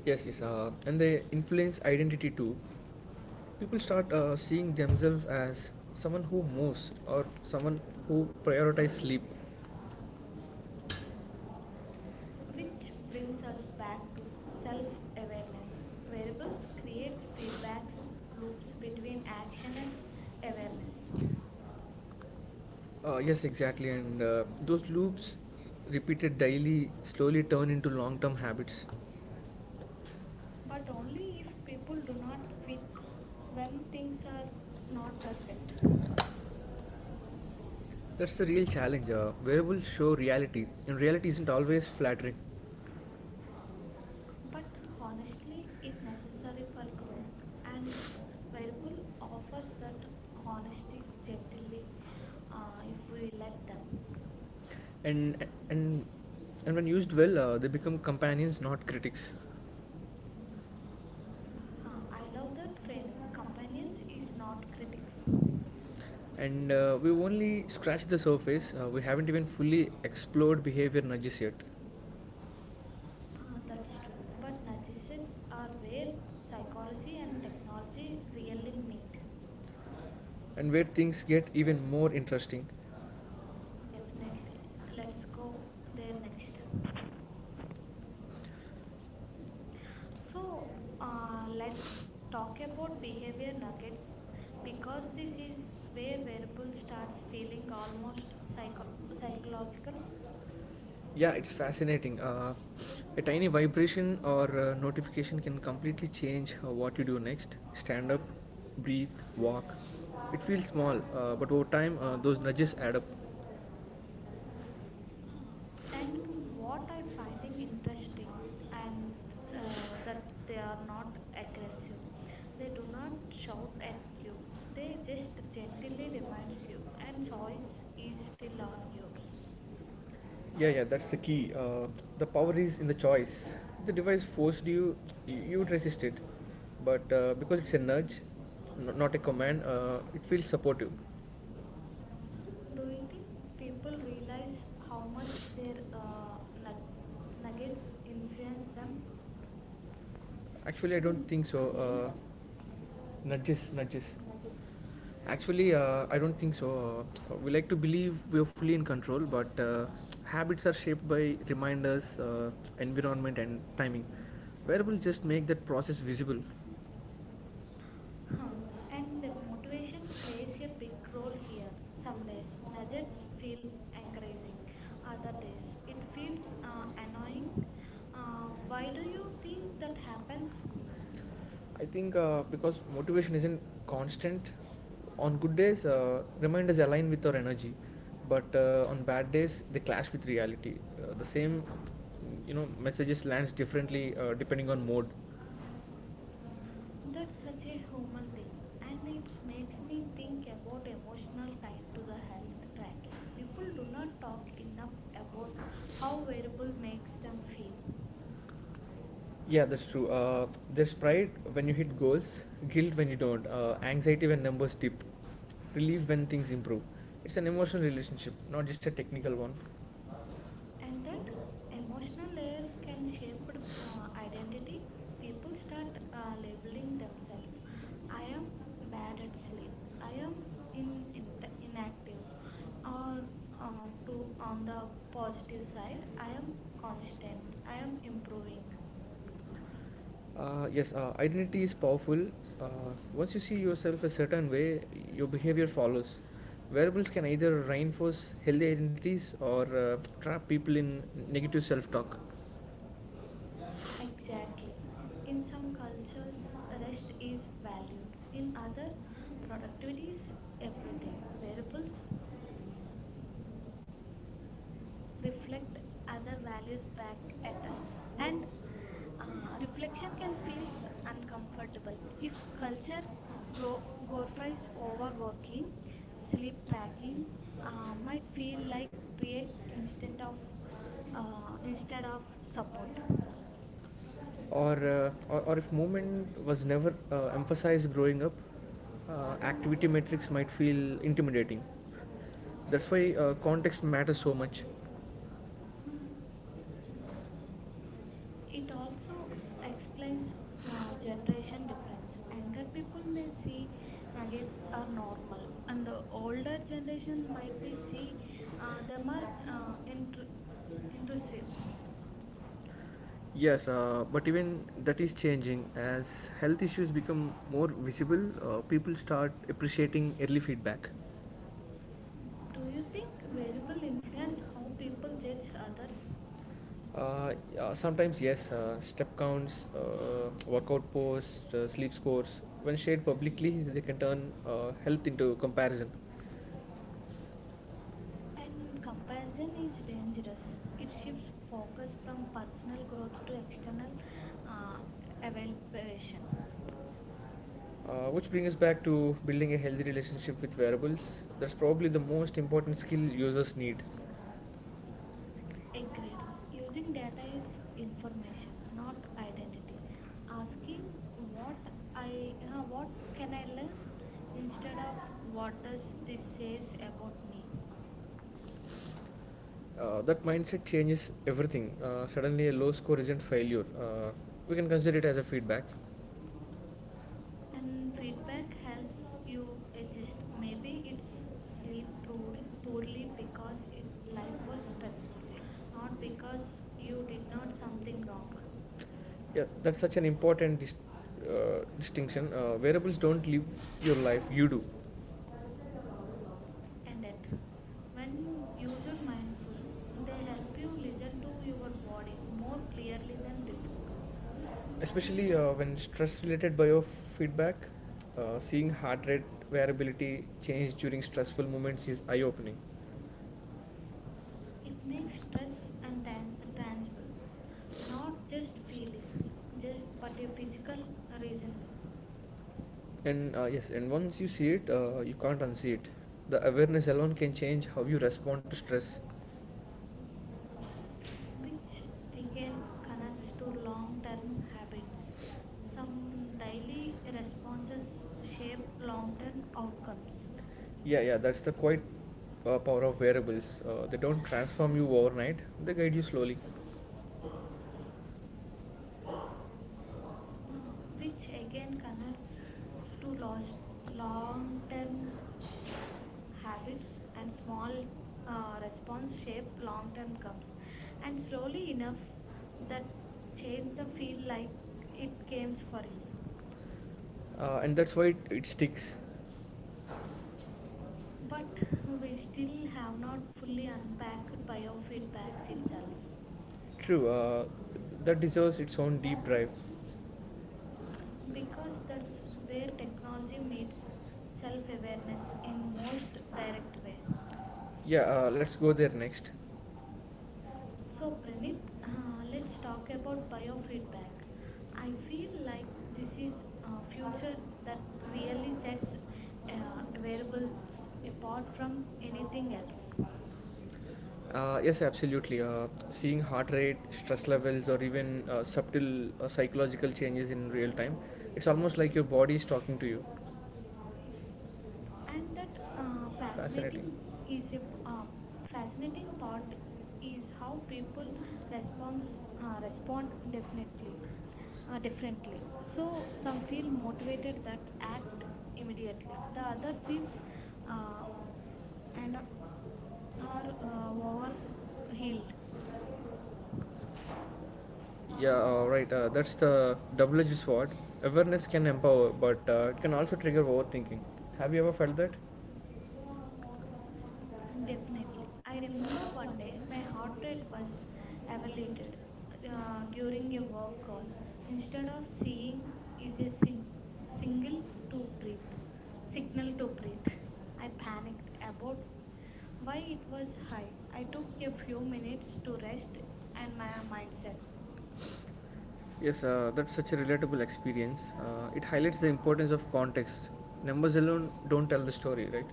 Speaker 2: Yes, yes, and they influence identity too. People start seeing themselves as someone who moves or someone who prioritizes sleep.
Speaker 1: Which brings us back to self awareness. Variables creates feedbacks loops between action and awareness,
Speaker 2: Yes, exactly, and those loops repeated daily slowly turn into long-term habits.
Speaker 1: but only if people do not quit when things are not perfect.
Speaker 2: That's the real challenge. Wearables show reality, and reality isn't always flattering.
Speaker 1: But
Speaker 2: But honestly,
Speaker 1: honestly, it
Speaker 2: it's
Speaker 1: necessary
Speaker 2: necessary
Speaker 1: for
Speaker 2: for
Speaker 1: growth,
Speaker 2: growth, and
Speaker 1: and variable
Speaker 2: wearable
Speaker 1: offers
Speaker 2: offers
Speaker 1: that
Speaker 2: that honesty
Speaker 1: honesty gently
Speaker 2: generally
Speaker 1: if
Speaker 2: if we
Speaker 1: we let
Speaker 2: let
Speaker 1: them.
Speaker 2: them. And when used well, they become companions, not critics.
Speaker 1: Huh,
Speaker 2: I
Speaker 1: I love
Speaker 2: love
Speaker 1: that
Speaker 2: that
Speaker 1: framing.
Speaker 2: favorite
Speaker 1: Companions
Speaker 2: companions
Speaker 1: is
Speaker 2: is
Speaker 1: not
Speaker 2: not
Speaker 1: critics.
Speaker 2: critics. And we've only scratched the surface. We haven't even fully explored behavior nudges yet.
Speaker 1: That's true. But narcissists are where psychology and technology
Speaker 2: And really
Speaker 1: really meet.
Speaker 2: where things get even more interesting.
Speaker 1: Definitely. Let's
Speaker 2: Let's go
Speaker 1: go there
Speaker 2: there
Speaker 1: next.
Speaker 2: next.
Speaker 1: So,
Speaker 2: Let's
Speaker 1: let's talk about behavior
Speaker 2: behavior
Speaker 1: nuggets,
Speaker 2: nuggets
Speaker 1: because
Speaker 2: because
Speaker 1: this
Speaker 2: this
Speaker 1: is
Speaker 2: is
Speaker 1: where
Speaker 2: where
Speaker 1: variable
Speaker 2: people
Speaker 1: starts
Speaker 2: starts
Speaker 1: feeling
Speaker 2: feeling the most
Speaker 1: almost psychological.
Speaker 2: psychological. Yeah, it's fascinating. A tiny vibration or notification can completely change what you do next. Stand up, breathe, walk. It feels small, but over time, those nudges add up.
Speaker 1: Uh, and what I finding interesting and that they are not aggressive. They do not shout at you. They just gently reminds you and choice is still on yours.
Speaker 2: Yeah, yeah, that's the key. The power is in the choice. If the device forced you, you would resist it. But because it's a nudge, not a command, it feels supportive.
Speaker 1: Do you think people realize how much their
Speaker 2: uh, like,
Speaker 1: nuggets influence them?
Speaker 2: Actually, I don't think so. Uh, nudges, nudges. Nudges. Actually, I don't think so. We like to believe we are fully in control, but habits are shaped by reminders, environment, and timing. Wearables just make that process visible. Oh,
Speaker 1: Huh.
Speaker 2: and
Speaker 1: And
Speaker 2: innovation
Speaker 1: motivation plays
Speaker 2: plays
Speaker 1: a
Speaker 2: a
Speaker 1: big
Speaker 2: big
Speaker 1: role
Speaker 2: role
Speaker 1: here.
Speaker 2: here.
Speaker 1: Some days
Speaker 2: Sometimes
Speaker 1: nuggets
Speaker 2: projects
Speaker 1: feel
Speaker 2: feel
Speaker 1: encouraging,
Speaker 2: encouraging,
Speaker 1: other
Speaker 2: other
Speaker 1: days
Speaker 2: times
Speaker 1: it
Speaker 2: it
Speaker 1: feels
Speaker 2: feels
Speaker 1: annoying.
Speaker 2: annoying. Why
Speaker 1: Why do
Speaker 2: do
Speaker 1: you
Speaker 2: you
Speaker 1: think
Speaker 2: think
Speaker 1: that
Speaker 2: that
Speaker 1: happens?
Speaker 2: happens? I think because motivation isn't constant. On good days, reminders align with our energy, but on bad days, they clash with reality. The same, you know, messages lands differently depending on mood.
Speaker 1: That's
Speaker 2: That's
Speaker 1: such
Speaker 2: such a
Speaker 1: a
Speaker 2: human
Speaker 1: human thing,
Speaker 2: thing, and
Speaker 1: and it
Speaker 2: it makes
Speaker 1: makes me
Speaker 2: me
Speaker 1: think
Speaker 2: think
Speaker 1: about
Speaker 2: about the
Speaker 1: emotional
Speaker 2: emotional
Speaker 1: tie
Speaker 2: time to
Speaker 1: to
Speaker 2: the
Speaker 1: the health
Speaker 2: health
Speaker 1: tracking.
Speaker 2: tragedy.
Speaker 1: People
Speaker 2: People
Speaker 1: do
Speaker 2: do
Speaker 1: not
Speaker 2: not
Speaker 1: talk
Speaker 2: talk
Speaker 1: enough
Speaker 2: enough
Speaker 1: about
Speaker 2: about how
Speaker 1: how wearable
Speaker 2: football
Speaker 1: makes
Speaker 2: makes them
Speaker 1: them feel.
Speaker 2: feel. Yeah, that's true. There's pride when you hit goals, guilt when you don't, anxiety when numbers dip, relief when things improve. It's an emotional relationship, not just a technical one. And
Speaker 1: And that
Speaker 2: that
Speaker 1: emotional
Speaker 2: emotional
Speaker 1: layers
Speaker 2: levels can
Speaker 1: can shape
Speaker 2: shape
Speaker 1: identity.
Speaker 2: identity.
Speaker 1: People
Speaker 2: People
Speaker 1: start
Speaker 2: start
Speaker 1: labeling
Speaker 2: labeling
Speaker 1: themselves:
Speaker 2: themselves.
Speaker 1: I
Speaker 2: I
Speaker 1: am
Speaker 2: am
Speaker 1: bad
Speaker 2: bad
Speaker 1: at
Speaker 2: at
Speaker 1: sleep,
Speaker 2: sleep.
Speaker 1: I
Speaker 2: I am
Speaker 1: am
Speaker 2: in-
Speaker 1: in
Speaker 2: in-
Speaker 1: inactive,
Speaker 2: inactive.
Speaker 1: or
Speaker 2: Or uh, to,
Speaker 1: to,
Speaker 2: on
Speaker 1: on the
Speaker 2: the
Speaker 1: positive
Speaker 2: positive
Speaker 1: side,
Speaker 2: side,
Speaker 1: I
Speaker 2: I
Speaker 1: am
Speaker 2: am
Speaker 1: constant,
Speaker 2: constant.
Speaker 1: I
Speaker 2: I
Speaker 1: am
Speaker 2: am
Speaker 1: improving.
Speaker 2: improving. Yes, identity is powerful. Uh, Once you see yourself a certain way, your behavior follows. Wearables can either reinforce healthy identities or trap people in negative self talk. Exactly.
Speaker 1: Exactly. In
Speaker 2: In
Speaker 1: some
Speaker 2: some
Speaker 1: cultures
Speaker 2: cultures,
Speaker 1: rest
Speaker 2: rest
Speaker 1: is
Speaker 2: is valued.
Speaker 1: valued, in
Speaker 2: In
Speaker 1: other
Speaker 2: other,
Speaker 1: productivity is
Speaker 2: activities equate
Speaker 1: everything.
Speaker 2: to wearables
Speaker 1: Variables reflect
Speaker 2: reflect
Speaker 1: other
Speaker 2: other
Speaker 1: values
Speaker 2: values
Speaker 1: back
Speaker 2: back
Speaker 1: at
Speaker 2: at
Speaker 1: us.
Speaker 2: us
Speaker 1: And
Speaker 2: and um,
Speaker 1: reflection
Speaker 2: reflection
Speaker 1: can
Speaker 2: can
Speaker 1: feel
Speaker 2: feel
Speaker 1: uncomfortable
Speaker 2: uncomfortable
Speaker 1: if
Speaker 2: if
Speaker 1: culture
Speaker 2: culture
Speaker 1: grow, glorifies
Speaker 2: governs
Speaker 1: overworking.
Speaker 2: overworking
Speaker 1: Sleep
Speaker 2: sleep
Speaker 1: tracking
Speaker 2: depriving uh,
Speaker 1: might
Speaker 2: might
Speaker 1: feel
Speaker 2: feel
Speaker 1: like
Speaker 2: like
Speaker 1: create
Speaker 2: create instead of uh,
Speaker 1: instead
Speaker 2: instead
Speaker 1: of
Speaker 2: of
Speaker 1: support.
Speaker 2: support or uh, or if movement was never emphasized growing up, activity metrics might feel intimidating. That's why context matters so much,
Speaker 1: It also explains
Speaker 2: explains the generation
Speaker 1: generation difference.
Speaker 2: difference.
Speaker 1: Younger
Speaker 2: Younger
Speaker 1: people
Speaker 2: people
Speaker 1: may
Speaker 2: may
Speaker 1: see
Speaker 2: see
Speaker 1: nuggets
Speaker 2: marriage
Speaker 1: are
Speaker 2: as
Speaker 1: normal,
Speaker 2: normal,
Speaker 1: and
Speaker 2: and
Speaker 1: the
Speaker 2: the older
Speaker 1: older
Speaker 2: generation
Speaker 1: generation might
Speaker 2: might
Speaker 1: be
Speaker 2: be
Speaker 1: see
Speaker 2: see
Speaker 1: them
Speaker 2: them
Speaker 1: are
Speaker 2: as
Speaker 1: Into
Speaker 2: intrusive.
Speaker 1: intrusive.
Speaker 2: Yes, but even that is changing as health issues become more visible. People start appreciating early feedback.
Speaker 1: Do you think
Speaker 2: Do
Speaker 1: variable influence how people judge others?
Speaker 2: Yeah, sometimes yes, step counts, workout posts, sleep scores. When shared publicly, they can turn health into comparison.
Speaker 1: And
Speaker 2: And
Speaker 1: comparison
Speaker 2: comparison is
Speaker 1: is dangerous.
Speaker 2: dangerous.
Speaker 1: It
Speaker 2: It
Speaker 1: shifts
Speaker 2: shifts
Speaker 1: focus
Speaker 2: focus
Speaker 1: from
Speaker 2: from
Speaker 1: personal
Speaker 2: personal
Speaker 1: growth
Speaker 2: growth to
Speaker 1: to external
Speaker 2: external
Speaker 1: uh,
Speaker 2: evaluation.
Speaker 1: evaluation.
Speaker 2: Which brings us back to building a healthy relationship with wearables. That's probably the most important skill users need.
Speaker 1: Agreed. Using
Speaker 2: Using data
Speaker 1: data is
Speaker 2: is
Speaker 1: information,
Speaker 2: information,
Speaker 1: not
Speaker 2: not identity.
Speaker 1: identity. Asking
Speaker 2: Asking
Speaker 1: what
Speaker 2: what I you know
Speaker 1: what
Speaker 2: what
Speaker 1: can
Speaker 2: can
Speaker 1: I
Speaker 2: I learn
Speaker 1: learn instead
Speaker 2: instead
Speaker 1: of
Speaker 2: of
Speaker 1: what
Speaker 2: what
Speaker 1: does
Speaker 2: does
Speaker 1: this
Speaker 2: this
Speaker 1: says
Speaker 2: says
Speaker 1: about
Speaker 2: about
Speaker 1: me.
Speaker 2: me. That mindset changes everything. Suddenly, a low score isn't failure. We can consider it as a feedback.
Speaker 1: And
Speaker 2: Mm,
Speaker 1: feedback
Speaker 2: feedback
Speaker 1: helps
Speaker 2: helps you
Speaker 1: you adjust.
Speaker 2: exist. Maybe
Speaker 1: Maybe it's
Speaker 2: it's
Speaker 1: sleep
Speaker 2: sleep
Speaker 1: poor, poorly
Speaker 2: poorly
Speaker 1: because
Speaker 2: because it
Speaker 1: life was
Speaker 2: matters,
Speaker 1: stressful,
Speaker 2: doesn't,
Speaker 1: not
Speaker 2: not
Speaker 1: because you
Speaker 2: because
Speaker 1: did not something wrong.
Speaker 2: yeah, that's such an important distinction. Variables don't live your life, you do.
Speaker 1: And that when user mindful, they help you listen to your body more clearly than before.
Speaker 2: Especially when stress related biofeedback, seeing heart rate variability change during stressful moments is eye opening.
Speaker 1: It makes stress and tangible, not just feeling, but a physical reasonable.
Speaker 2: And yes, and once you see it, you can't unsee it. The awareness alone can change how you respond to stress.
Speaker 1: Which again connects to long term habits. Some daily responses shape long term outcomes,
Speaker 2: Yeah, yeah, that's the quite power of wearables. They don't transform you overnight, they guide you slowly.
Speaker 1: which
Speaker 2: Which
Speaker 1: again
Speaker 2: again
Speaker 1: connects
Speaker 2: connects
Speaker 1: to
Speaker 2: to
Speaker 1: long term
Speaker 2: long-term
Speaker 1: habits
Speaker 2: habits
Speaker 1: and
Speaker 2: and
Speaker 1: small
Speaker 2: small
Speaker 1: response
Speaker 2: response
Speaker 1: shape
Speaker 2: shape
Speaker 1: long term
Speaker 2: long-term
Speaker 1: comes.
Speaker 2: goals.
Speaker 1: And
Speaker 2: And
Speaker 1: slowly
Speaker 2: slowly
Speaker 1: enough
Speaker 2: enough,
Speaker 1: that
Speaker 2: that
Speaker 1: change
Speaker 2: change
Speaker 1: the
Speaker 2: the
Speaker 1: feel
Speaker 2: feel
Speaker 1: like
Speaker 2: like
Speaker 1: it
Speaker 2: it
Speaker 1: comes
Speaker 2: came
Speaker 1: for
Speaker 2: for
Speaker 1: you.
Speaker 2: you. And that's why it sticks.
Speaker 1: But
Speaker 2: But
Speaker 1: we
Speaker 2: we still
Speaker 1: still have
Speaker 2: have
Speaker 1: not
Speaker 2: not
Speaker 1: fully
Speaker 2: fully
Speaker 1: unpacked
Speaker 2: unpacked biofeedback
Speaker 1: biofeedbacks itself.
Speaker 2: itself. True, that deserves its own deep dive.
Speaker 1: Because
Speaker 2: Because
Speaker 1: that's
Speaker 2: that's
Speaker 1: where
Speaker 2: where
Speaker 1: technology
Speaker 2: technology
Speaker 1: meets
Speaker 2: meets
Speaker 1: self
Speaker 2: self
Speaker 1: awareness
Speaker 2: awareness
Speaker 1: in
Speaker 2: in
Speaker 1: most
Speaker 2: most.
Speaker 1: direct way.
Speaker 2: Yeah, let's go there next.
Speaker 1: So,
Speaker 2: So,
Speaker 1: Pranit,
Speaker 2: Pranit,
Speaker 1: let's
Speaker 2: let's
Speaker 1: talk
Speaker 2: talk
Speaker 1: about
Speaker 2: about
Speaker 1: biofeedback.
Speaker 2: biofeedback.
Speaker 1: I
Speaker 2: I
Speaker 1: feel
Speaker 2: feel
Speaker 1: like
Speaker 2: like
Speaker 1: this
Speaker 2: this
Speaker 1: is
Speaker 2: is
Speaker 1: a
Speaker 2: a
Speaker 1: future
Speaker 2: future
Speaker 1: that
Speaker 2: that
Speaker 1: really
Speaker 2: really
Speaker 1: sets
Speaker 2: sets
Speaker 1: variables
Speaker 2: wearables
Speaker 1: apart
Speaker 2: apart
Speaker 1: from
Speaker 2: from
Speaker 1: anything
Speaker 2: anything else.
Speaker 1: else.
Speaker 2: Yes, absolutely. Seeing heart rate, stress levels, or even subtle psychological changes in real time, it's almost like your body is talking to you.
Speaker 1: And
Speaker 2: And
Speaker 1: that
Speaker 2: that
Speaker 1: fascinating is a p- uh, fascinating
Speaker 2: Fascinating
Speaker 1: part
Speaker 2: part
Speaker 1: is
Speaker 2: is
Speaker 1: how
Speaker 2: how
Speaker 1: people
Speaker 2: people
Speaker 1: responds
Speaker 2: response
Speaker 1: respond
Speaker 2: respond
Speaker 1: definitely.
Speaker 2: differently, uh, differently.
Speaker 1: Differently.
Speaker 2: So
Speaker 1: So some
Speaker 2: some
Speaker 1: feel
Speaker 2: feel
Speaker 1: motivated
Speaker 2: motivated
Speaker 1: that
Speaker 2: that
Speaker 1: act
Speaker 2: act immediately.
Speaker 1: immediately.
Speaker 2: The
Speaker 1: The other
Speaker 2: other
Speaker 1: feels
Speaker 2: feels
Speaker 1: uh, and
Speaker 2: and they
Speaker 1: are
Speaker 2: are overheated.
Speaker 1: overhealed.
Speaker 2: Yeah, right. That's the double-edged sword. Awareness can empower, but it can also trigger overthinking. Have you ever felt that? Definitely.
Speaker 1: Definitely. I
Speaker 2: I
Speaker 1: remember
Speaker 2: remember
Speaker 1: one
Speaker 2: one
Speaker 1: day
Speaker 2: day
Speaker 1: my
Speaker 2: my
Speaker 1: heart rate
Speaker 2: portrait
Speaker 1: was
Speaker 2: was
Speaker 1: evaluated
Speaker 2: evaluated
Speaker 1: during
Speaker 2: during
Speaker 1: a
Speaker 2: a
Speaker 1: work
Speaker 2: work
Speaker 1: call.
Speaker 2: call.
Speaker 1: Instead
Speaker 2: Instead
Speaker 1: of
Speaker 2: of
Speaker 1: seeing
Speaker 2: seeing
Speaker 1: is
Speaker 2: is
Speaker 1: a
Speaker 2: a
Speaker 1: sing-
Speaker 2: sin-
Speaker 1: single
Speaker 2: single to
Speaker 1: to breathe,
Speaker 2: click,
Speaker 1: signal
Speaker 2: signal
Speaker 1: to
Speaker 2: to
Speaker 1: breathe.
Speaker 2: click,
Speaker 1: I
Speaker 2: I
Speaker 1: panicked
Speaker 2: panicked
Speaker 1: about
Speaker 2: about
Speaker 1: why
Speaker 2: why
Speaker 1: it
Speaker 2: it
Speaker 1: was
Speaker 2: was.
Speaker 1: high.
Speaker 2: Right.
Speaker 1: I
Speaker 2: I
Speaker 1: took
Speaker 2: took
Speaker 1: a
Speaker 2: a
Speaker 1: few
Speaker 2: few
Speaker 1: minutes
Speaker 2: minutes
Speaker 1: to
Speaker 2: to
Speaker 1: rest
Speaker 2: rest
Speaker 1: and
Speaker 2: and my
Speaker 1: my
Speaker 2: mind
Speaker 1: mindset.
Speaker 2: settled. Yes, that's such a relatable experience. It highlights the importance of context. Numbers alone don't tell the story, right?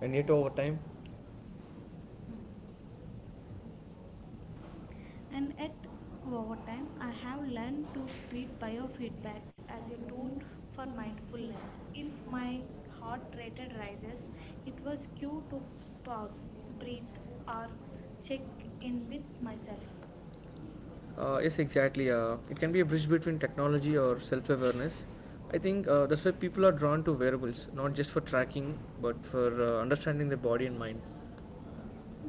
Speaker 2: And yet, over time,
Speaker 1: And
Speaker 2: and
Speaker 1: at
Speaker 2: at
Speaker 1: over
Speaker 2: what
Speaker 1: time,
Speaker 2: time
Speaker 1: I
Speaker 2: I
Speaker 1: have
Speaker 2: have
Speaker 1: learned
Speaker 2: learned
Speaker 1: to
Speaker 2: to
Speaker 1: treat
Speaker 2: treat
Speaker 1: biofeedbacks
Speaker 2: biofeedbacks
Speaker 1: as
Speaker 2: as
Speaker 1: a
Speaker 2: a
Speaker 1: tool
Speaker 2: tool
Speaker 1: for
Speaker 2: for
Speaker 1: mindfulness.
Speaker 2: mindfulness.
Speaker 1: If
Speaker 2: If
Speaker 1: my
Speaker 2: my
Speaker 1: heart
Speaker 2: heart
Speaker 1: rate
Speaker 2: rate
Speaker 1: rises,
Speaker 2: rises,
Speaker 1: it
Speaker 2: it
Speaker 1: was
Speaker 2: was
Speaker 1: cue
Speaker 2: cue
Speaker 1: to
Speaker 2: to
Speaker 1: pause,
Speaker 2: pause,
Speaker 1: breathe,
Speaker 2: breathe,
Speaker 1: or
Speaker 2: or
Speaker 1: check
Speaker 2: check in
Speaker 1: in with
Speaker 2: with
Speaker 1: myself.
Speaker 2: myself. Yes, exactly. It can be a bridge between technology or self awareness. I think that's why people are drawn to wearables, not just for tracking, but for understanding their body and mind.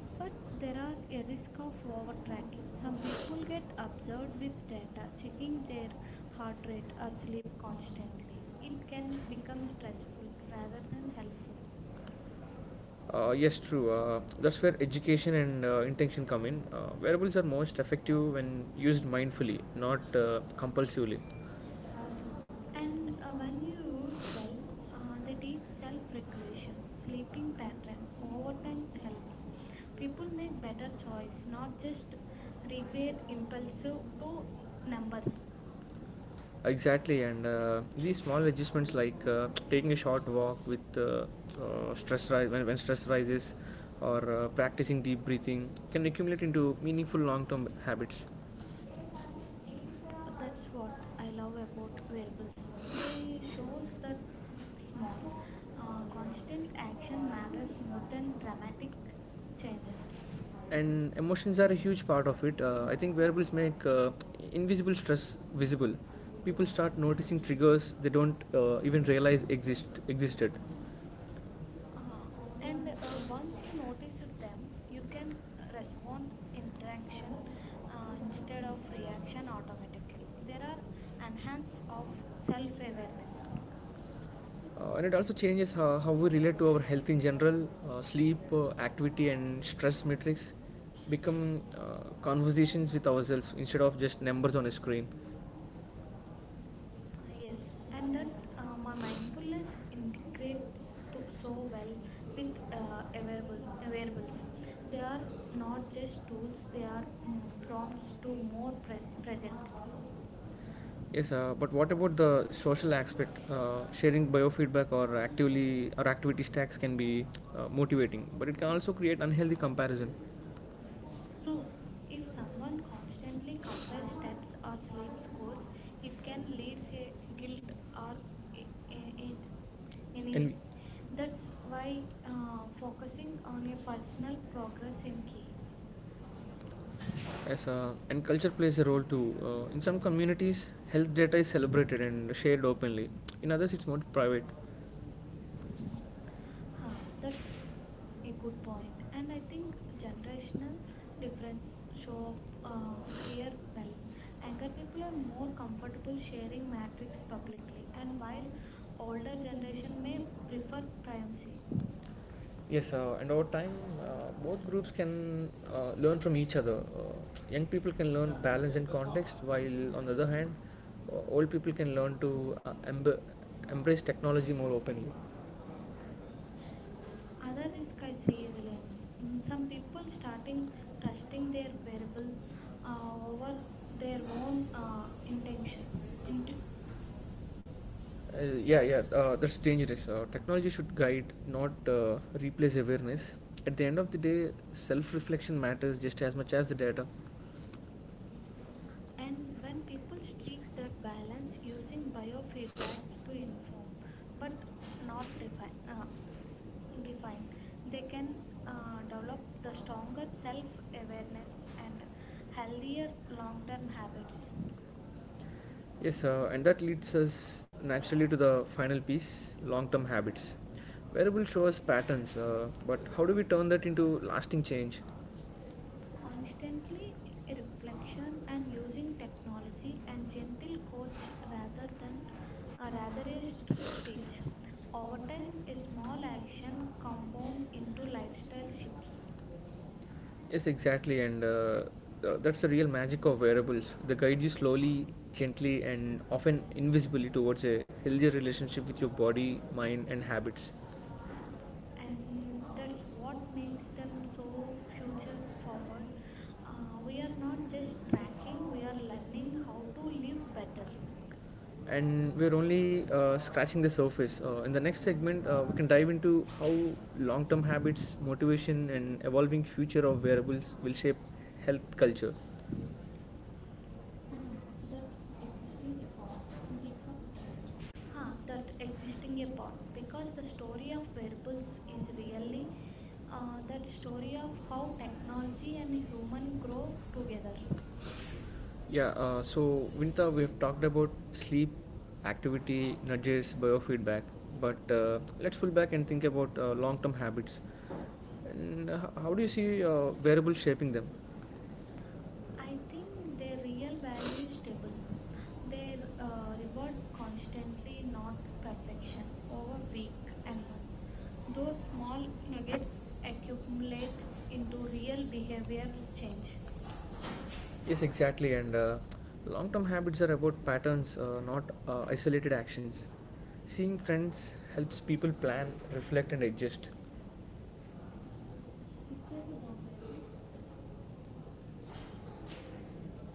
Speaker 1: But
Speaker 2: But
Speaker 1: there
Speaker 2: there
Speaker 1: are a
Speaker 2: are
Speaker 1: risk
Speaker 2: risks
Speaker 1: of
Speaker 2: for
Speaker 1: overtracking.
Speaker 2: tracking.
Speaker 1: Some
Speaker 2: Some
Speaker 1: people
Speaker 2: people
Speaker 1: get
Speaker 2: get
Speaker 1: absorbed
Speaker 2: observed
Speaker 1: with
Speaker 2: with
Speaker 1: data,
Speaker 2: data,
Speaker 1: checking
Speaker 2: checking
Speaker 1: their
Speaker 2: their
Speaker 1: heart
Speaker 2: heart
Speaker 1: rate
Speaker 2: rate
Speaker 1: or
Speaker 2: or
Speaker 1: sleep
Speaker 2: sleep constantly.
Speaker 1: constantly. It
Speaker 2: It
Speaker 1: can
Speaker 2: can
Speaker 1: become
Speaker 2: become
Speaker 1: stressful
Speaker 2: stressful
Speaker 1: rather
Speaker 2: rather
Speaker 1: than
Speaker 2: than helpful.
Speaker 1: helpful.
Speaker 2: Yes, true. That's where education and intention come in. Wearables are most effective when used mindfully, not compulsively.
Speaker 1: And
Speaker 2: And when
Speaker 1: when
Speaker 2: we
Speaker 1: you use
Speaker 2: use
Speaker 1: well,
Speaker 2: self,
Speaker 1: they
Speaker 2: they
Speaker 1: teach
Speaker 2: teach
Speaker 1: self
Speaker 2: self
Speaker 1: regulation,
Speaker 2: regulation,
Speaker 1: sleeping
Speaker 2: sleeping
Speaker 1: pattern.
Speaker 2: patterns,
Speaker 1: Over time
Speaker 2: overtime
Speaker 1: helps.
Speaker 2: plans.
Speaker 1: People
Speaker 2: People
Speaker 1: make
Speaker 2: make
Speaker 1: better
Speaker 2: better
Speaker 1: choice,
Speaker 2: choice,
Speaker 1: not
Speaker 2: not
Speaker 1: just
Speaker 2: just
Speaker 1: recreate
Speaker 2: regret
Speaker 1: impulsive
Speaker 2: impulsive to
Speaker 1: to numbers.
Speaker 2: numbers. Exactly, and these small adjustments like taking a short walk with uh, when stress rises or practicing deep breathing can accumulate into meaningful long term habits.
Speaker 1: That's what I love about variables. They shows that small, constant action matters more than dramatic changes.
Speaker 2: And emotions are a huge part of it. I think wearables make invisible stress visible. People start noticing triggers they don't even realize existed. And
Speaker 1: Ah, and once
Speaker 2: once
Speaker 1: you
Speaker 2: you
Speaker 1: notice
Speaker 2: notice it,
Speaker 1: them,
Speaker 2: then
Speaker 1: you
Speaker 2: you
Speaker 1: can
Speaker 2: can
Speaker 1: respond
Speaker 2: respond to
Speaker 1: interaction
Speaker 2: interaction
Speaker 1: instead
Speaker 2: instead
Speaker 1: of
Speaker 2: of
Speaker 1: reaction
Speaker 2: reaction
Speaker 1: automatically. There
Speaker 2: automatically
Speaker 1: are
Speaker 2: and
Speaker 1: enhance
Speaker 2: hence
Speaker 1: of
Speaker 2: of
Speaker 1: self awareness.
Speaker 2: self-awareness. And it also changes how we relate to our health in general. Sleep, activity, and stress metrics become conversations with ourselves instead of just numbers on a screen.
Speaker 1: Ah, yes,
Speaker 2: Yes,
Speaker 1: and
Speaker 2: and
Speaker 1: that
Speaker 2: that
Speaker 1: my mindfulness
Speaker 2: mindfulness
Speaker 1: integrates
Speaker 2: integrates
Speaker 1: to,
Speaker 2: it so
Speaker 1: so well
Speaker 2: well
Speaker 1: with
Speaker 2: with
Speaker 1: wearables.
Speaker 2: awareness.
Speaker 1: They
Speaker 2: They
Speaker 1: are
Speaker 2: are
Speaker 1: not
Speaker 2: not
Speaker 1: just
Speaker 2: just
Speaker 1: tools;
Speaker 2: tools,
Speaker 1: they
Speaker 2: they
Speaker 1: are
Speaker 2: are um,
Speaker 1: prompts
Speaker 2: prompts
Speaker 1: to
Speaker 2: to be
Speaker 1: more
Speaker 2: more
Speaker 1: present.
Speaker 2: present. Yes, but what about the social aspect? Sharing biofeedback or actively or activity stacks can be motivating, but it can also create unhealthy comparison.
Speaker 1: True,
Speaker 2: True,
Speaker 1: if
Speaker 2: if
Speaker 1: someone
Speaker 2: someone
Speaker 1: constantly
Speaker 2: constantly
Speaker 1: compares steps
Speaker 2: understands
Speaker 1: or
Speaker 2: or
Speaker 1: sleep
Speaker 2: follows
Speaker 1: scores,
Speaker 2: rules,
Speaker 1: it
Speaker 2: it
Speaker 1: can
Speaker 2: can
Speaker 1: lead
Speaker 2: lead
Speaker 1: to
Speaker 2: to
Speaker 1: guilt
Speaker 2: guilt
Speaker 1: or
Speaker 2: or
Speaker 1: a-
Speaker 2: in,
Speaker 1: and
Speaker 2: in, and
Speaker 1: anyway.
Speaker 2: envy.
Speaker 1: That's
Speaker 2: That's
Speaker 1: why
Speaker 2: why
Speaker 1: focusing
Speaker 2: focusing
Speaker 1: on
Speaker 2: on
Speaker 1: a
Speaker 2: a
Speaker 1: personal
Speaker 2: personal
Speaker 1: progress
Speaker 2: progress
Speaker 1: in
Speaker 2: in
Speaker 1: key.
Speaker 2: yes, and culture plays a role too. In some communities, health data is celebrated and shared openly. In others, it's more private.
Speaker 1: Huh, that's
Speaker 2: That's
Speaker 1: a
Speaker 2: a
Speaker 1: good
Speaker 2: good
Speaker 1: point.
Speaker 2: one.
Speaker 1: And
Speaker 2: And
Speaker 1: I
Speaker 2: I
Speaker 1: think
Speaker 2: think
Speaker 1: generational
Speaker 2: generational
Speaker 1: difference
Speaker 2: difference. So
Speaker 1: show up here
Speaker 2: here
Speaker 1: well. Younger
Speaker 2: younger
Speaker 1: people are
Speaker 2: people are
Speaker 1: more
Speaker 2: more
Speaker 1: comfortable
Speaker 2: comfortable
Speaker 1: sharing
Speaker 2: sharing
Speaker 1: metrics
Speaker 2: markets
Speaker 1: publicly,
Speaker 2: publicly,
Speaker 1: and
Speaker 2: and
Speaker 1: while
Speaker 2: while
Speaker 1: older
Speaker 2: the
Speaker 1: generation
Speaker 2: generation
Speaker 1: may
Speaker 2: may
Speaker 1: prefer
Speaker 2: prefer
Speaker 1: privacy.
Speaker 2: privacy. Yes, and over time, both groups can learn from each other. Young people can learn balance and context, while on the other hand, old people can learn to embrace technology more openly.
Speaker 1: Other
Speaker 2: Other
Speaker 1: risk I
Speaker 2: risk I
Speaker 1: see
Speaker 2: see in
Speaker 1: Reliance.
Speaker 2: this. Mm,
Speaker 1: Some
Speaker 2: some
Speaker 1: people
Speaker 2: people
Speaker 1: starting
Speaker 2: starting
Speaker 1: trusting
Speaker 2: trusting
Speaker 1: their
Speaker 2: their
Speaker 1: wearable
Speaker 2: people
Speaker 1: over
Speaker 2: over
Speaker 1: their
Speaker 2: their
Speaker 1: own
Speaker 2: own
Speaker 1: intention.
Speaker 2: intention.
Speaker 1: Into,
Speaker 2: Int- yeah, that's dangerous. Technology should guide, not replace awareness. At the end of the day, self reflection matters just as much as the data.
Speaker 1: and
Speaker 2: And
Speaker 1: when
Speaker 2: when
Speaker 1: people
Speaker 2: people
Speaker 1: seek
Speaker 2: strike
Speaker 1: that
Speaker 2: that
Speaker 1: balance
Speaker 2: balance
Speaker 1: using
Speaker 2: using
Speaker 1: biofeedback
Speaker 2: biofeedbacks
Speaker 1: to
Speaker 2: to
Speaker 1: inform, but
Speaker 2: improve but
Speaker 1: not
Speaker 2: not
Speaker 1: define,
Speaker 2: define,
Speaker 1: define,
Speaker 2: define.
Speaker 1: they
Speaker 2: They
Speaker 1: can
Speaker 2: can
Speaker 1: develop
Speaker 2: develop
Speaker 1: the
Speaker 2: the
Speaker 1: stronger
Speaker 2: stronger
Speaker 1: self-awareness
Speaker 2: self-awareness
Speaker 1: and
Speaker 2: and
Speaker 1: healthier
Speaker 2: healthier
Speaker 1: long-term
Speaker 2: long-term habits.
Speaker 1: habits.
Speaker 2: Yes, and that leads us naturally to the final piece long term habits. Wearable show us patterns, but how do we turn that into lasting change?
Speaker 1: Constantly
Speaker 2: Constantly a
Speaker 1: reflection
Speaker 2: reflection
Speaker 1: and
Speaker 2: and
Speaker 1: using
Speaker 2: using
Speaker 1: technology
Speaker 2: technology
Speaker 1: and
Speaker 2: and
Speaker 1: gentle
Speaker 2: gentle
Speaker 1: coach
Speaker 2: coach
Speaker 1: rather
Speaker 2: rather
Speaker 1: than
Speaker 2: than or
Speaker 1: rather a
Speaker 2: rather a
Speaker 1: strict
Speaker 2: strict
Speaker 1: teach.
Speaker 2: teach.
Speaker 1: Over
Speaker 2: Over
Speaker 1: time,
Speaker 2: time,
Speaker 1: a
Speaker 2: a
Speaker 1: small
Speaker 2: small
Speaker 1: action
Speaker 2: action
Speaker 1: compound
Speaker 2: compound
Speaker 1: into
Speaker 2: into
Speaker 1: lifestyle
Speaker 2: lifestyle
Speaker 1: shifts,
Speaker 2: shifts. Yes, exactly, and that's the real magic of wearables. They guide you slowly, gently, and often invisibly towards a healthier relationship with your body, mind, and habits.
Speaker 1: and
Speaker 2: And
Speaker 1: that's
Speaker 2: that's
Speaker 1: what
Speaker 2: what
Speaker 1: makes
Speaker 2: makes
Speaker 1: them
Speaker 2: them so
Speaker 1: so future
Speaker 2: future
Speaker 1: forward.
Speaker 2: forward.
Speaker 1: We are
Speaker 2: We are
Speaker 1: not just
Speaker 2: not just
Speaker 1: tracking; we
Speaker 2: tracking,
Speaker 1: are
Speaker 2: we are
Speaker 1: learning
Speaker 2: learning
Speaker 1: how
Speaker 2: how
Speaker 1: to
Speaker 2: to
Speaker 1: live
Speaker 2: live
Speaker 1: better.
Speaker 2: better. And we're only scratching the surface. In the next segment, we can dive into how long term habits, motivation, and evolving future of wearables will shape health culture that existing epoch because
Speaker 1: Huh,
Speaker 2: ah,
Speaker 1: that
Speaker 2: that
Speaker 1: existing a
Speaker 2: existing
Speaker 1: part
Speaker 2: epoch
Speaker 1: because the
Speaker 2: because the
Speaker 1: story of
Speaker 2: story of
Speaker 1: variables
Speaker 2: Hercules
Speaker 1: is
Speaker 2: is
Speaker 1: really
Speaker 2: really
Speaker 1: that
Speaker 2: that
Speaker 1: story
Speaker 2: story
Speaker 1: of
Speaker 2: of
Speaker 1: how
Speaker 2: how
Speaker 1: technology
Speaker 2: technology
Speaker 1: and
Speaker 2: and
Speaker 1: human
Speaker 2: human
Speaker 1: grow
Speaker 2: grow
Speaker 1: together.
Speaker 2: together. Yeah, so Vinita, we've talked about sleep, activity, nudges, biofeedback, but let's pull back and think about long term habits. And how do you see variables shaping them?
Speaker 1: I
Speaker 2: I
Speaker 1: think
Speaker 2: think
Speaker 1: their
Speaker 2: their
Speaker 1: real
Speaker 2: real
Speaker 1: value is
Speaker 2: value is
Speaker 1: stable.
Speaker 2: different.
Speaker 1: They
Speaker 2: They
Speaker 1: reward
Speaker 2: however,
Speaker 1: constantly
Speaker 2: constantly
Speaker 1: not
Speaker 2: not
Speaker 1: perfection
Speaker 2: perfection
Speaker 1: over
Speaker 2: over
Speaker 1: week
Speaker 2: week
Speaker 1: and month.
Speaker 2: and
Speaker 1: Those
Speaker 2: those
Speaker 1: small
Speaker 2: small
Speaker 1: nuggets
Speaker 2: nuggets
Speaker 1: accumulate
Speaker 2: accumulate
Speaker 1: into
Speaker 2: into
Speaker 1: real
Speaker 2: real
Speaker 1: behavioral
Speaker 2: behavior
Speaker 1: change
Speaker 2: change. Yes, exactly. And long term habits are about patterns, not isolated actions. Seeing trends helps people plan, reflect, and adjust. Switches దాటారు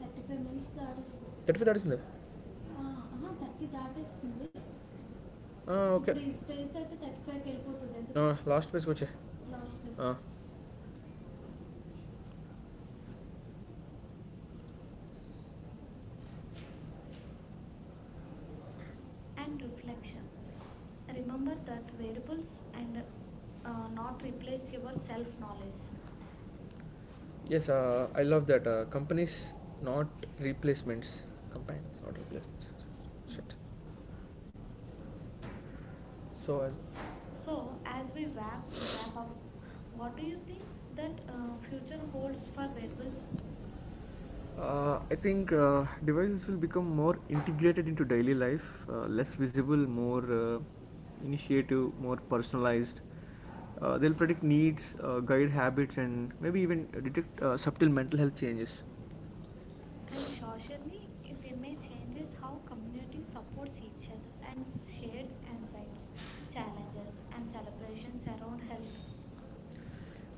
Speaker 2: thirty five minutes. Ah, that is thirty-five. Thirty. Ah, ah, 30 that is. Ah, okay. Place that the that fact help you to learn. Ah, last place, which is. Last place. Ah.
Speaker 1: and reflection. Remember that variables and not replace your self knowledge.
Speaker 2: Yes. Ah, I love that. Ah, companies not replacements. Companies not replacements. Shit. So as. So
Speaker 1: So, as
Speaker 2: what
Speaker 1: we wrap,
Speaker 2: about
Speaker 1: wrap up what do
Speaker 2: what
Speaker 1: you
Speaker 2: do you
Speaker 1: think
Speaker 2: think
Speaker 1: that
Speaker 2: that
Speaker 1: future
Speaker 2: future
Speaker 1: holds for
Speaker 2: holds for
Speaker 1: werewolves?
Speaker 2: rebels? I think devices will become more integrated into daily life, less visible, more initiative, more personalized. They'll predict needs, guide habits, and maybe even detect subtle mental health changes.
Speaker 1: And socially,
Speaker 2: Socially,
Speaker 1: they
Speaker 2: they
Speaker 1: may
Speaker 2: may
Speaker 1: changes
Speaker 2: changes
Speaker 1: how
Speaker 2: how
Speaker 1: community
Speaker 2: community
Speaker 1: supports
Speaker 2: supports
Speaker 1: each
Speaker 2: each
Speaker 1: other
Speaker 2: other
Speaker 1: and
Speaker 2: and
Speaker 1: shared
Speaker 2: shared
Speaker 1: insights,
Speaker 2: insights,
Speaker 1: challenges,
Speaker 2: challenges,
Speaker 1: and
Speaker 2: and
Speaker 1: celebrations
Speaker 2: celebrations
Speaker 1: around
Speaker 2: around
Speaker 1: health.
Speaker 2: health.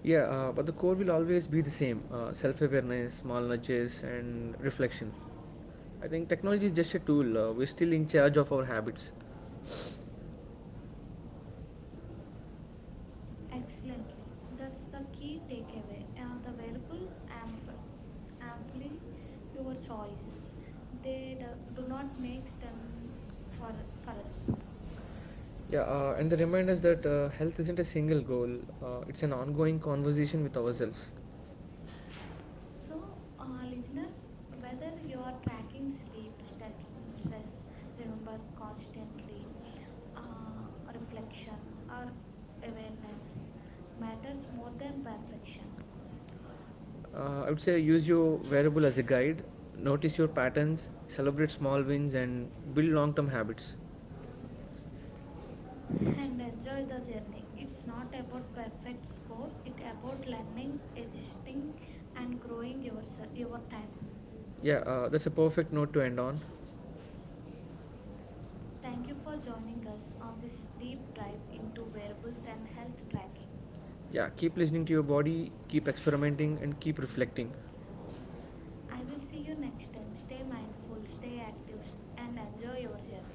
Speaker 2: Yeah, but the core will always be the same self awareness, small nudges, and reflection. I think technology is just a tool. We're still in charge of our habits.
Speaker 1: Excellently,
Speaker 2: Excellent.
Speaker 1: that's the
Speaker 2: That's the
Speaker 1: key
Speaker 2: key
Speaker 1: takeaway.
Speaker 2: takeaway.
Speaker 1: The
Speaker 2: The
Speaker 1: wearable
Speaker 2: wealthy and
Speaker 1: amply
Speaker 2: amply
Speaker 1: your
Speaker 2: poor
Speaker 1: choice.
Speaker 2: choice.
Speaker 1: They
Speaker 2: They
Speaker 1: do
Speaker 2: do
Speaker 1: not
Speaker 2: not
Speaker 1: make
Speaker 2: make
Speaker 1: them
Speaker 2: them
Speaker 1: for
Speaker 2: for,
Speaker 1: for
Speaker 2: for us.
Speaker 1: us.
Speaker 2: Yeah, and the reminder is that health isn't a single goal, it's an ongoing conversation with ourselves.
Speaker 1: So,
Speaker 2: So, uh,
Speaker 1: listeners,
Speaker 2: listeners,
Speaker 1: whether
Speaker 2: whether
Speaker 1: you are
Speaker 2: you are
Speaker 1: tracking
Speaker 2: tracking
Speaker 1: sleep,
Speaker 2: sleep
Speaker 1: steps,
Speaker 2: steps
Speaker 1: stress,
Speaker 2: such
Speaker 1: remember
Speaker 2: number, constantly,
Speaker 1: constantly, uh,
Speaker 2: uh,
Speaker 1: reflection,
Speaker 2: reflection,
Speaker 1: or
Speaker 2: or
Speaker 1: awareness
Speaker 2: awareness,
Speaker 1: matters
Speaker 2: matters
Speaker 1: more
Speaker 2: more
Speaker 1: than
Speaker 2: than
Speaker 1: perfection.
Speaker 2: perfection. I would say use your wearable as a guide, notice your patterns, celebrate small wins, and build long term habits.
Speaker 1: And
Speaker 2: And
Speaker 1: enjoy
Speaker 2: enjoy
Speaker 1: the
Speaker 2: the
Speaker 1: journey.
Speaker 2: journey.
Speaker 1: It's
Speaker 2: It's
Speaker 1: not
Speaker 2: not
Speaker 1: about
Speaker 2: about
Speaker 1: perfect
Speaker 2: perfect
Speaker 1: score.
Speaker 2: score,
Speaker 1: It's
Speaker 2: it
Speaker 1: about
Speaker 2: about
Speaker 1: learning,
Speaker 2: learning,
Speaker 1: existing,
Speaker 2: existing,
Speaker 1: and
Speaker 2: and
Speaker 1: growing
Speaker 2: growing yourself,
Speaker 1: your
Speaker 2: your
Speaker 1: time.
Speaker 2: talent. Yeah, that's a perfect note to end on.
Speaker 1: Thank you
Speaker 2: Thank you
Speaker 1: for
Speaker 2: for
Speaker 1: joining us
Speaker 2: joining us
Speaker 1: on this
Speaker 2: on this
Speaker 1: deep
Speaker 2: deep
Speaker 1: dive
Speaker 2: dive
Speaker 1: into
Speaker 2: into
Speaker 1: wearables
Speaker 2: wearables
Speaker 1: and
Speaker 2: and
Speaker 1: health
Speaker 2: health
Speaker 1: tracking.
Speaker 2: tracking. Yeah, keep listening to your body, keep experimenting, and keep reflecting.
Speaker 1: I
Speaker 2: I
Speaker 1: will see
Speaker 2: will
Speaker 1: you
Speaker 2: see you
Speaker 1: next
Speaker 2: next
Speaker 1: time.
Speaker 2: time.
Speaker 1: Stay
Speaker 2: Stay
Speaker 1: mindful,
Speaker 2: mindful,
Speaker 1: stay
Speaker 2: stay
Speaker 1: active,
Speaker 2: active,
Speaker 1: and
Speaker 2: and
Speaker 1: enjoy your
Speaker 2: enjoy
Speaker 1: journey.
Speaker 2: yourself.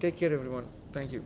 Speaker 2: Take care, everyone. Thank you.